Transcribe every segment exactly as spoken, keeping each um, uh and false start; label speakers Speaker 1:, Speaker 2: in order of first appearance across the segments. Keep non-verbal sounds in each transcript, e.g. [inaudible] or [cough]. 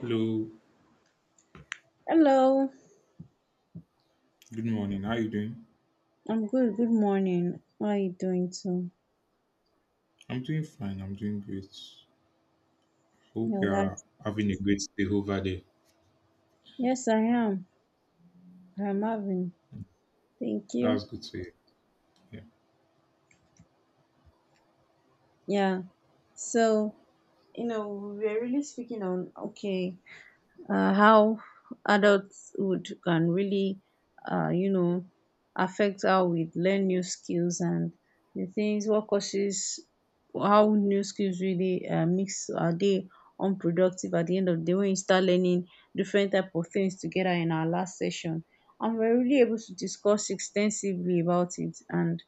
Speaker 1: Hello,
Speaker 2: Hello,
Speaker 1: good morning. How are you doing?
Speaker 2: I'm good. Good morning. How are you doing too?
Speaker 1: I'm doing fine. I'm doing great. Hope
Speaker 2: Yeah,
Speaker 1: you are
Speaker 2: that.
Speaker 1: having a great day over there.
Speaker 2: Yes, I am. I'm having. Thank you.
Speaker 1: That's good to hear. Yeah.
Speaker 2: Yeah. So, you know, we're really speaking on okay. Uh, how adulthood can really, uh, you know, affect how we learn new skills and the things, what causes how new skills really uh, mix, are they unproductive at the end of the day when you start learning different type of things together in our last session, and we're really able to discuss extensively about it, and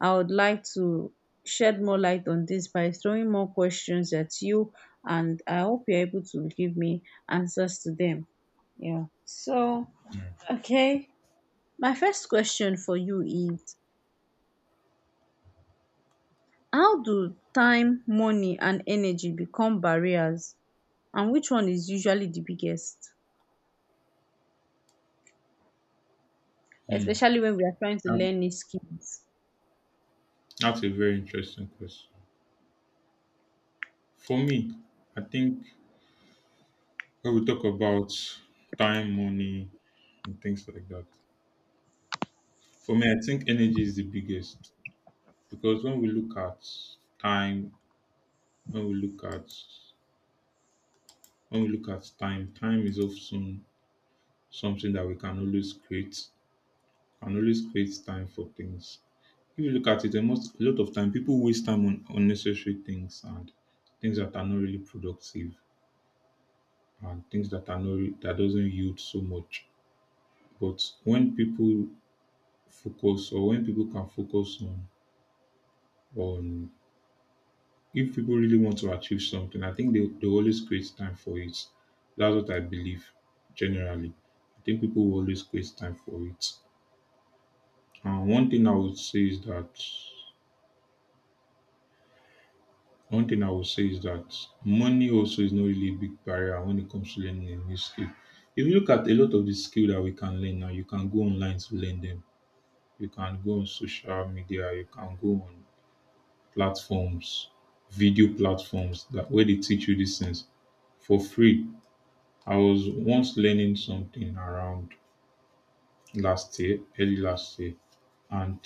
Speaker 2: I would like to shed more light on this by throwing more questions at you, and I hope you're able to give me answers to them. Yeah. So,
Speaker 1: Mm.
Speaker 2: okay. My first question for you is, how do time, money, and energy become barriers? And which one is usually the biggest?
Speaker 1: Hmm.
Speaker 2: Especially when we are trying to
Speaker 1: That-
Speaker 2: learn new skills.
Speaker 1: That's a very interesting question. For me, I think when we talk about time, money, and things like that, for me, I think energy is the biggest because when we look at time, when we look at when we look at time, time is often something that we can always create and always create time for things. If you look at it, the most a lot of time people waste time on unnecessary things and things that are not really productive and things that are not re- that doesn't yield so much. But when people focus or when people can focus on on if people really want to achieve something, I think they, they always create time for it. That's what I believe generally. I think people will always create time for it. And one thing I would say is that One thing I would say is that money also is not really a big barrier when it comes to learning a new skill. If you look at a lot of the skill that we can learn now, you can go online to learn them. You can go on social media, you can go on platforms, video platforms that where they teach you these things for free. I was once learning something around last year, early last year, and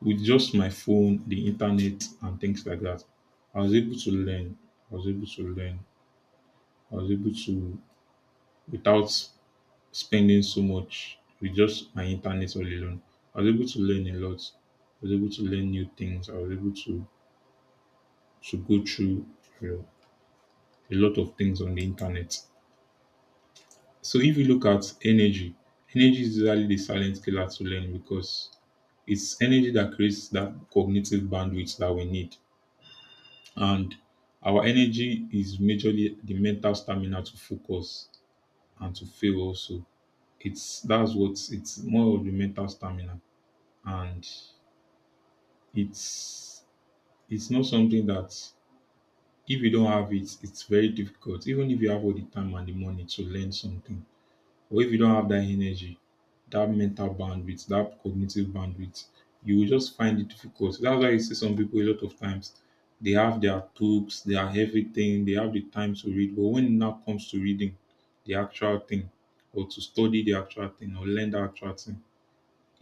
Speaker 1: with just my phone, the internet, and things like that, I was able to learn. I was able to learn I was able to, without spending so much with just my internet all alone, I was able to learn a lot. I was able to learn new things. I was able to, to go through you know, a lot of things on the internet. So if you look at energy, energy is usually the silent killer to learn because it's energy that creates that cognitive bandwidth that we need. And our energy is majorly the mental stamina to focus and to fail also. It's that's what it's more of the mental stamina and it's it's not something that if you don't have it, it's very difficult. Even if you have all the time and the money to learn something, or if you don't have that energy, that mental bandwidth, that cognitive bandwidth, you will just find it difficult. That's why you see some people a lot of times, they have their books, they have everything, they have the time to read, but when it now comes to reading the actual thing, or to study the actual thing or learn the actual thing,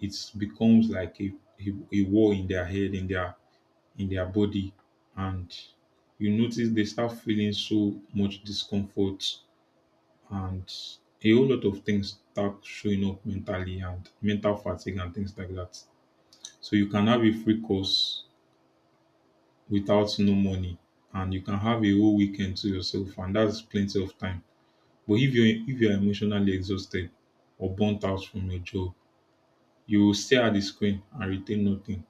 Speaker 1: it becomes like a, a, a war in their head, in their in their body, and you notice they start feeling so much discomfort, and a whole lot of things start showing up mentally, and mental fatigue and things like that. So you can have a free course without no money, and you can have a whole weekend to yourself and that's plenty of time, but if you're if you're emotionally exhausted or burnt out from your job, you will stare at the screen and retain nothing.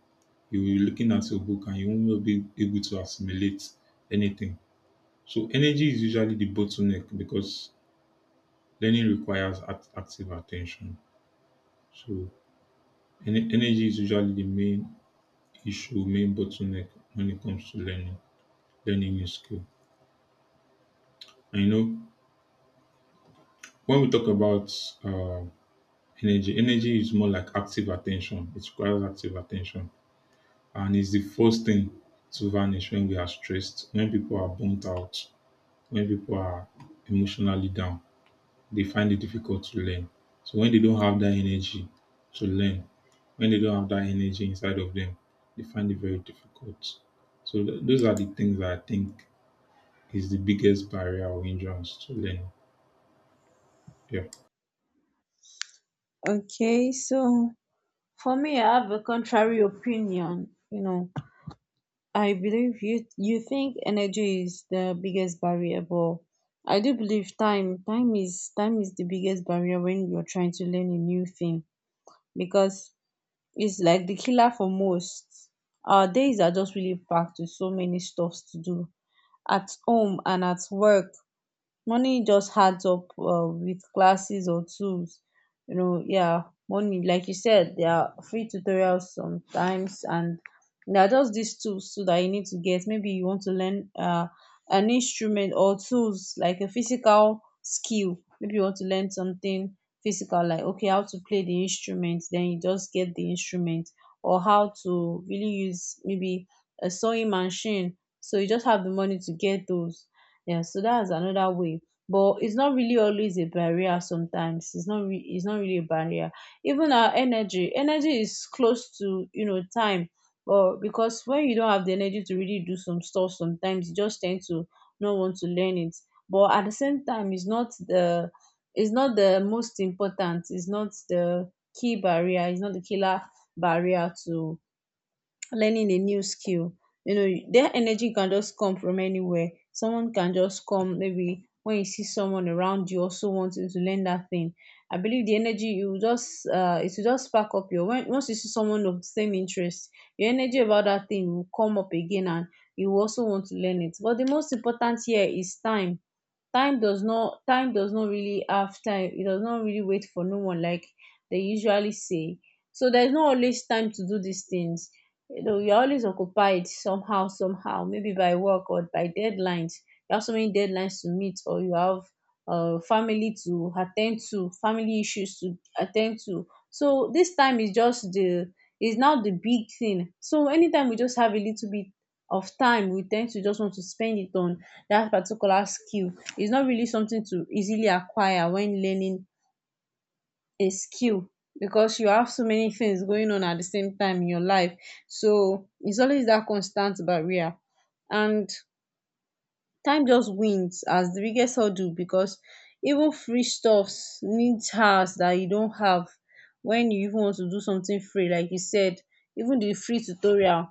Speaker 1: You will be looking at your book and you won't be able to assimilate anything. So energy is usually the bottleneck because learning requires act- active attention. So ener- energy is usually the main issue, main bottleneck when it comes to learning, learning new skill. And you know, when we talk about uh, energy, energy is more like active attention. It requires active attention, and it's the first thing to vanish when we are stressed, when people are burnt out, when people are emotionally down, they find it difficult to learn. So when they don't have that energy to learn, when they don't have that energy inside of them, they find it very difficult. So th- those are the things that I think is the biggest barrier or hindrance to learning. Yeah.
Speaker 2: Okay. So, for me, I have a contrary opinion. You know, I believe you you think energy is the biggest variable. I do believe time time is time is the biggest barrier when you're trying to learn a new thing, because it's like the killer for most. Our days are just really packed with so many stuffs to do at home and at work. Money just adds up um with classes or tools, you know. Yeah, money, like you said, there are free tutorials sometimes, and there are just these tools too that you need to get. Maybe you want to learn uh, an instrument, or tools like a physical skill. Maybe you want to learn something physical, like, okay, how to play the instrument, then you just get the instrument. Or how to really use maybe a sewing machine, so you just have the money to get those. Yeah, so that's another way. But it's not really always a barrier sometimes. It's not re- it's not really a barrier. Even our energy, energy is close to, you know, time. But because when you don't have the energy to really do some stuff, sometimes you just tend to not want to learn it. But at the same time, it's not the it's not the most important. It's not the key barrier. It's not the killer barrier to learning a new skill. You know, their energy can just come from anywhere. Someone can just come, maybe when you see someone around you also wanting to learn that thing, I believe the energy, you will just, uh it will just spark up your, when once you see someone of the same interest, your energy about that thing will come up again, and you will also want to learn it. But the most important here is time. Time does not time does not really have time. It does not really wait for no one, like they usually say. So there's not always time to do these things. You know, you're always occupied somehow, somehow, maybe by work or by deadlines. You have so many deadlines to meet, or you have uh, family to attend to, family issues to attend to. So this time is just the, is now the big thing. So anytime we just have a little bit of time, we tend to just want to spend it on that particular skill. It's not really something to easily acquire when learning a skill, because you have so many things going on at the same time in your life. So it's always that constant barrier, and time just wins as the biggest hurdle, because even free stuffs needs hours that you don't have. When you even want to do something free, like you said, even the free tutorial,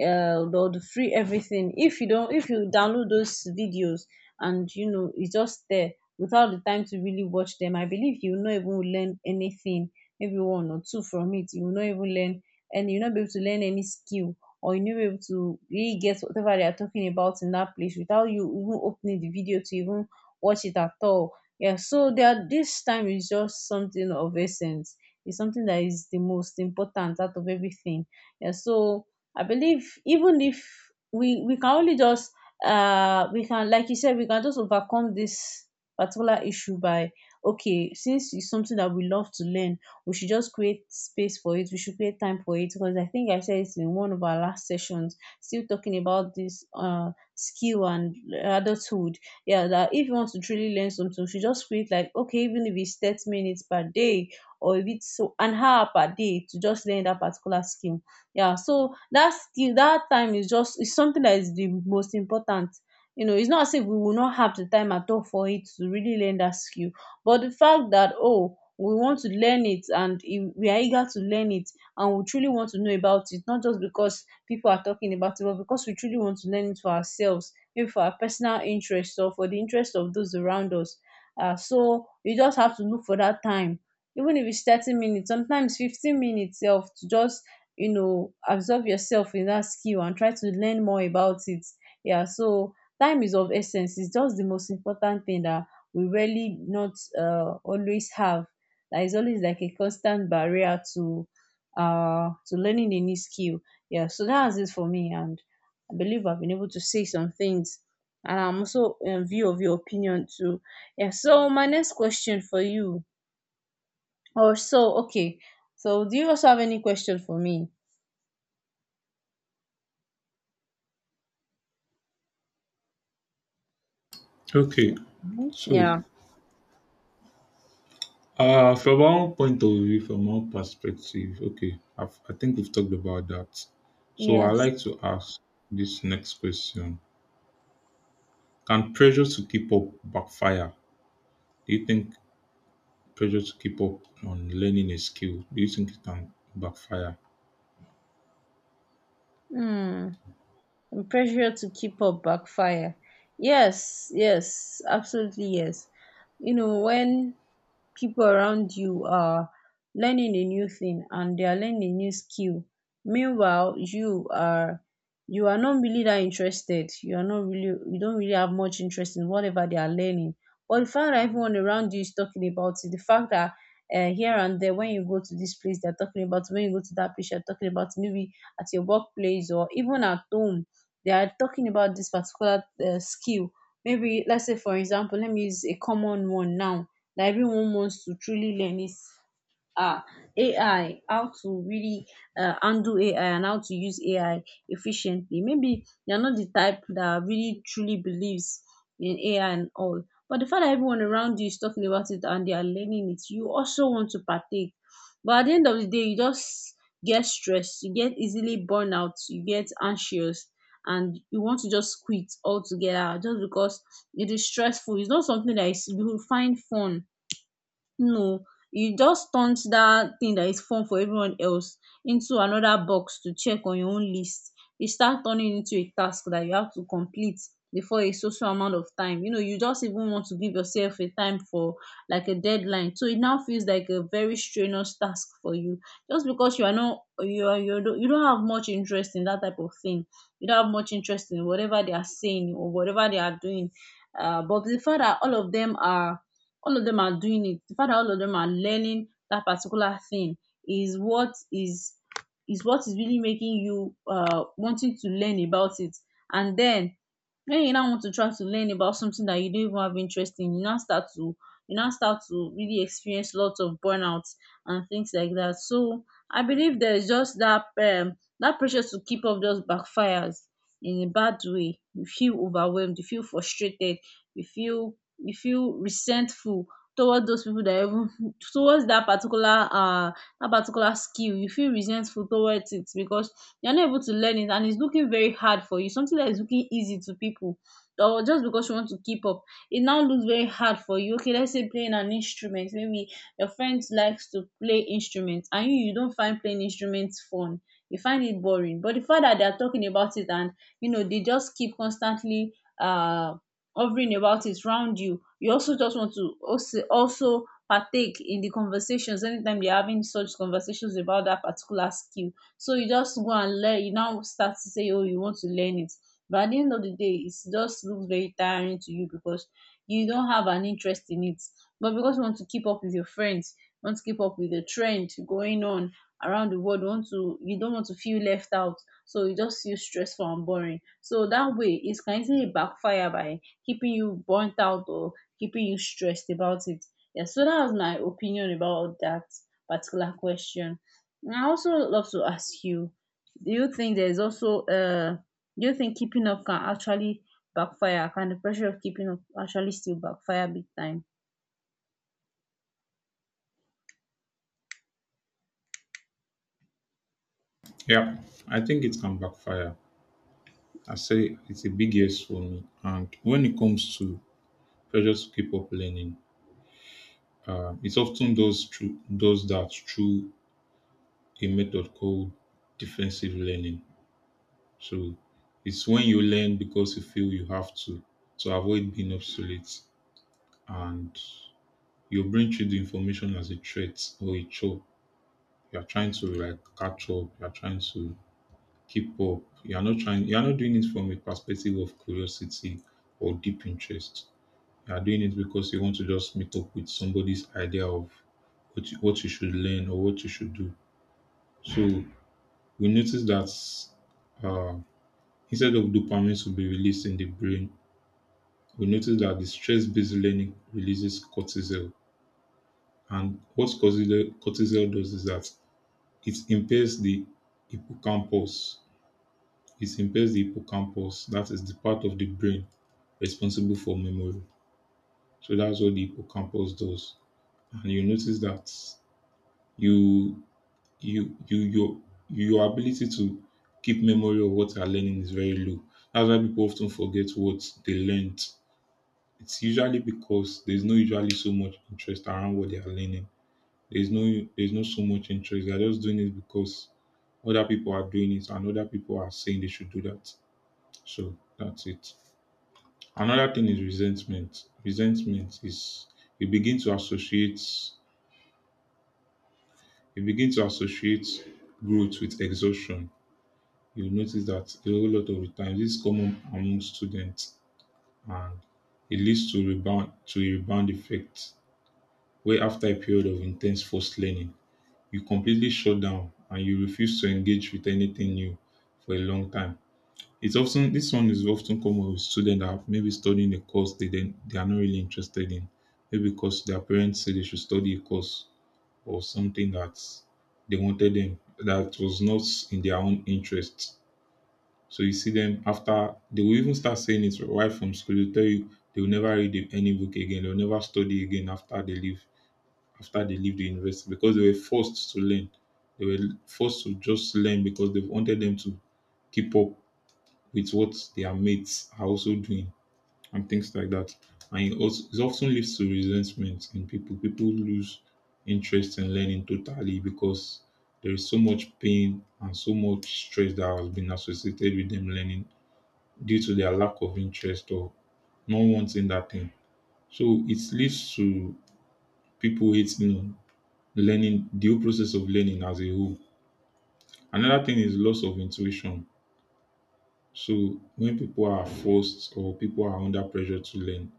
Speaker 2: uh, or the free everything, if you don't, if you download those videos, and you know, it's just there without the time to really watch them, I believe you will not even learn anything. Maybe one or two from it you will not even learn, and you'll not be able to learn any skill, or you knew able to really get whatever they are talking about in that place without you even opening the video to even watch it at all. Yeah, so there, this time is just something of essence. It's something that is the most important out of everything. Yeah, so I believe, even if we we can only just, uh we can, like you said, we can just overcome this particular issue by, okay, since it's something that we love to learn, we should just create space for it, we should create time for it, because I think I said it in one of our last sessions still talking about this uh skill and adulthood. Yeah, that if you want to truly learn something, you should just create, like, okay, even if it's 30 minutes per day, or if it's so an hour per day, to just learn that particular skill. Yeah, so that skill, that time is just, is something that is the most important. You know, it's not as if we will not have the time at all for it to really learn that skill. But the fact that, oh, we want to learn it, and if we are eager to learn it, and we truly want to know about it, not just because people are talking about it, but because we truly want to learn it for ourselves, maybe for our personal interest or for the interest of those around us. Um so you just have to look for that time, even if its thirty minutes, sometimes fifteen minutes sef, to just, you know, absorb yourself in that skill and try to learn more about it. Yeah, so time is of essence. Its just the most important thing that we really not um always have. There is always like a constant barrier to uh to learning a new skill. Yeah, so that's it for me, and I believe I've been able to say some things, and I'm also in view of your opinion too. Yeah. So my next question for you, or so, okay. So do you also have any question for me?
Speaker 1: Okay.
Speaker 2: Mhm.
Speaker 1: So
Speaker 2: Yeah.
Speaker 1: uh from our point of view, from our perspective, okay, I've, I think we've talked about that. So I
Speaker 2: Yes.
Speaker 1: like to ask this next question: can pressure to keep up backfire? Do you think pressure to keep up on learning a skill, do you think it can backfire?
Speaker 2: Hmm. And pressure to keep up backfire. Yes, yes, absolutely yes. You know, when people around you are learning a new thing and they are learning a new skill, meanwhile you are, you are not really that interested, you are not really, you don't really have much interest in whatever they are learning. But the fact that everyone around you is talking about it, the fact that, uh, here and there, when you go to this place they're talking about, when you go to that place they're talking about, maybe at your workplace or even at home they are talking about this particular uh, skill. Maybe let's say, for example, let me use a common one now that everyone wants to truly learn, is uh, A I, how to really uh, handle A I and how to use A I efficiently. Maybe they're not the type that really truly believes in A I and all. But the fact that everyone around you is talking about it and they are learning it, you also want to partake. But at the end of the day, you just get stressed, you get easily burned out, you get anxious, and you want to just quit altogether, just because it is stressful. It's not something that is, you will find fun. No, you just turned that thing that is fun for everyone else into another box to check on your own list. You start turning it into a task that you have to complete before a social amount of time. You know, you just even want to give yourself a time for, like, a deadline. So it now feels like a very strenuous task for you. Just because you are not, you are, you don't you don't have much interest in that type of thing. You don't have much interest in whatever they are saying or whatever they are doing. Uh, but the fact that all of them are all of them are doing it, the fact that all of them are learning that particular thing is what is is what is really making you uh wanting to learn about it. And then when you now want to try to learn about something that you don't even have interest in, you now start to you now start to really experience lots of burnouts and things like that. So I believe there's just that um that pressure to keep up just backfires in a bad way. You feel overwhelmed, you feel frustrated, you feel you feel resentful toward those people, that, even [laughs] towards that particular, uh that particular skill, you feel resentful towards it because you're not able to learn it, and it's looking very hard for you. Something that is looking easy to people, or just because you want to keep up, it now looks very hard for you. Okay, let's say playing an instrument, maybe your friend likes to play instruments, and you you don't find playing instruments fun, you find it boring. But the fact that they are talking about it, and you know, they just keep constantly uh hovering about it around you, you also just want to also also partake in the conversations anytime they're having such conversations about that particular skill. So you just go and learn, you now start to say, oh, you want to learn it. But at the end of the day, it just looks very tiring to you, because you don't have an interest in it, but because you want to keep up with your friends, you want to keep up with the trend going on around the world, want to, you don't want to feel left out. So you just feel stressful and boring. So that way, it can easily backfire by keeping you burnt out or keeping you stressed about it. Yeah, so that was my opinion about that particular question. And I also love to ask you, do you think there's also, uh do you think keeping up can actually backfire? Can the pressure of keeping up actually still backfire big time?
Speaker 1: Yeah, I think it can backfire. I say it's a big yes for me. And when it comes to pressure to keep up learning, um, it often does through does that through a method called defensive learning. So it's when you learn because you feel you have to to avoid being obsolete, and your brain treat the information as a threat or a chore. You are trying to like catch up. You are trying to keep up. You are not trying, you are not doing it from a perspective of curiosity or deep interest. You are doing it because you want to just meet up with somebody's idea of what you, what you should learn or what you should do. So we notice that uh, instead of dopamine to be released in the brain, we notice that the stress-based learning releases cortisol. And what cortisol, cortisol does is that it impairs the hippocampus. It impairs the hippocampus, that is the part of the brain responsible for memory. So that's what the hippocampus does. And you notice that you you you your your ability to keep memory of what you are learning is very low. That's why people often forget what they learned. It's usually because there's no usually so much interest around what they are learning. There's no there's not so much interest. They're just doing it because other people are doing it and other people are saying they should do that. So that's it. Another thing is resentment. Resentment is you begin to associate you begin to associate growth with exhaustion. You notice that a whole lot of the time this is common among students, and it leads to rebound to a rebound effect where after a period of intense forced learning, you completely shut down and you refuse to engage with anything new for a long time. It's often, this one is often common with students that have maybe studying a course they then they are not really interested in, maybe because their parents say they should study a course or something that they wanted them that was not in their own interest. So you see them, after, they will even start saying it right from school. They tell you they will never read any book again. They will never study again after they leave after they leave the university because they were forced to learn. They were forced to just learn because they wanted them to keep up with what their mates are also doing and things like that. And it, also, it often leads to resentment in people. People lose interest in learning totally because there is so much pain and so much stress that has been associated with them learning due to their lack of interest or not wanting that thing. So it leads to people hating on learning, the whole process of learning as a whole. Another thing is loss of intuition. So when people are forced or people are under pressure to learn,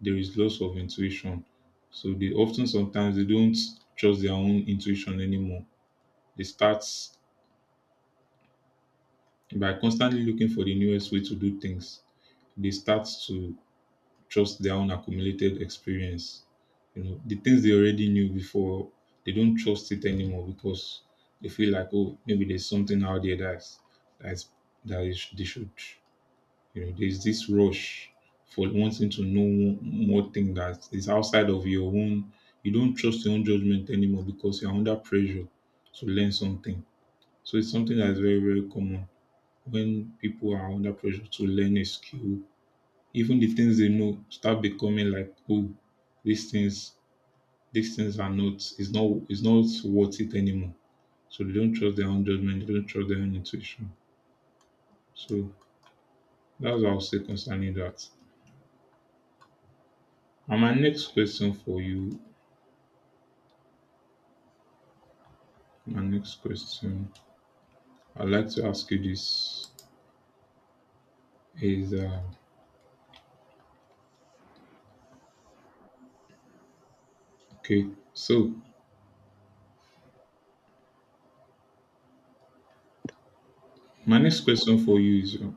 Speaker 1: there is loss of intuition. So they often sometimes they don't trust their own intuition anymore. They start by constantly looking for the newest way to do things. They start to trust their own accumulated experience. You know, the things they already knew before, they don't trust it anymore because they feel like, oh, maybe there's something out there that's that's that is they should You know, there's this rush for wanting to know mo- more thing that is outside of your own. You don't trust your own judgment anymore because you're under pressure to learn something. So it's something that is very, very common when people are under pressure to learn a skill. Even the things they know start becoming like, oh, these things, these things are not, it's not, it's not worth it anymore. So they don't trust their own judgment, they don't trust their own intuition. So that's what I'll say concerning that. And my next question for you my next question, I'd like to ask you this is uh, okay. So, my next question for you is uh,